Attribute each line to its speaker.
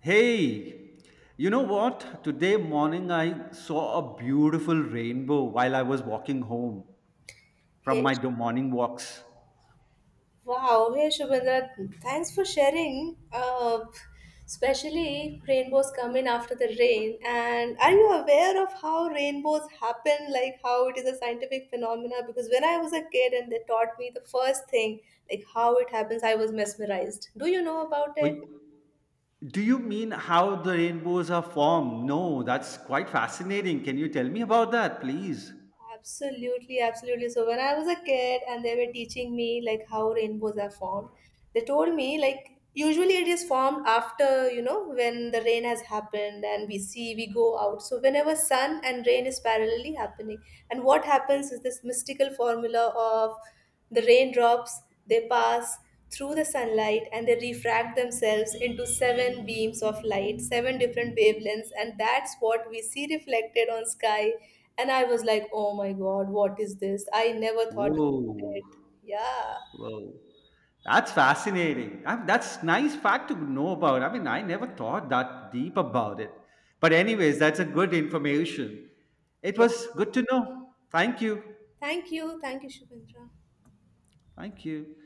Speaker 1: Hey, you know what? Today morning I saw a beautiful rainbow while I was walking home from
Speaker 2: Hey,
Speaker 1: my morning walks.
Speaker 2: wow, hey Shubhendra, thanks for sharing. Especially rainbows come in after the rain. And are you aware of how rainbows happen? Like how it is a scientific phenomena? Because when I was a kid and they taught me the first thing, like how it happens, I was mesmerized. Do you know about
Speaker 1: Wait,
Speaker 2: it?
Speaker 1: do you mean how the rainbows are formed? No, that's quite fascinating. Can you tell me about that, please?
Speaker 2: Absolutely, absolutely. So when I was a kid and they were teaching me like how rainbows are formed, they told me like usually it is formed after, when the rain has happened and we go out. So whenever sun and rain is parallelly happening and what happens is this mystical formula of the raindrops, they pass through the sunlight and they refract themselves into seven beams of light, seven different wavelengths, and that's what we see reflected on sky. And I was like, oh my god, what is this? I never thought about
Speaker 1: Whoa,
Speaker 2: it. Yeah.
Speaker 1: whoa. That's fascinating. I mean, that's nice fact to know about. I mean, I never thought that deep about it. But anyways, that's a good information. It
Speaker 2: Yeah.
Speaker 1: was good to know. Thank you.
Speaker 2: Thank you. Thank you, Shubhendra.
Speaker 1: Thank you.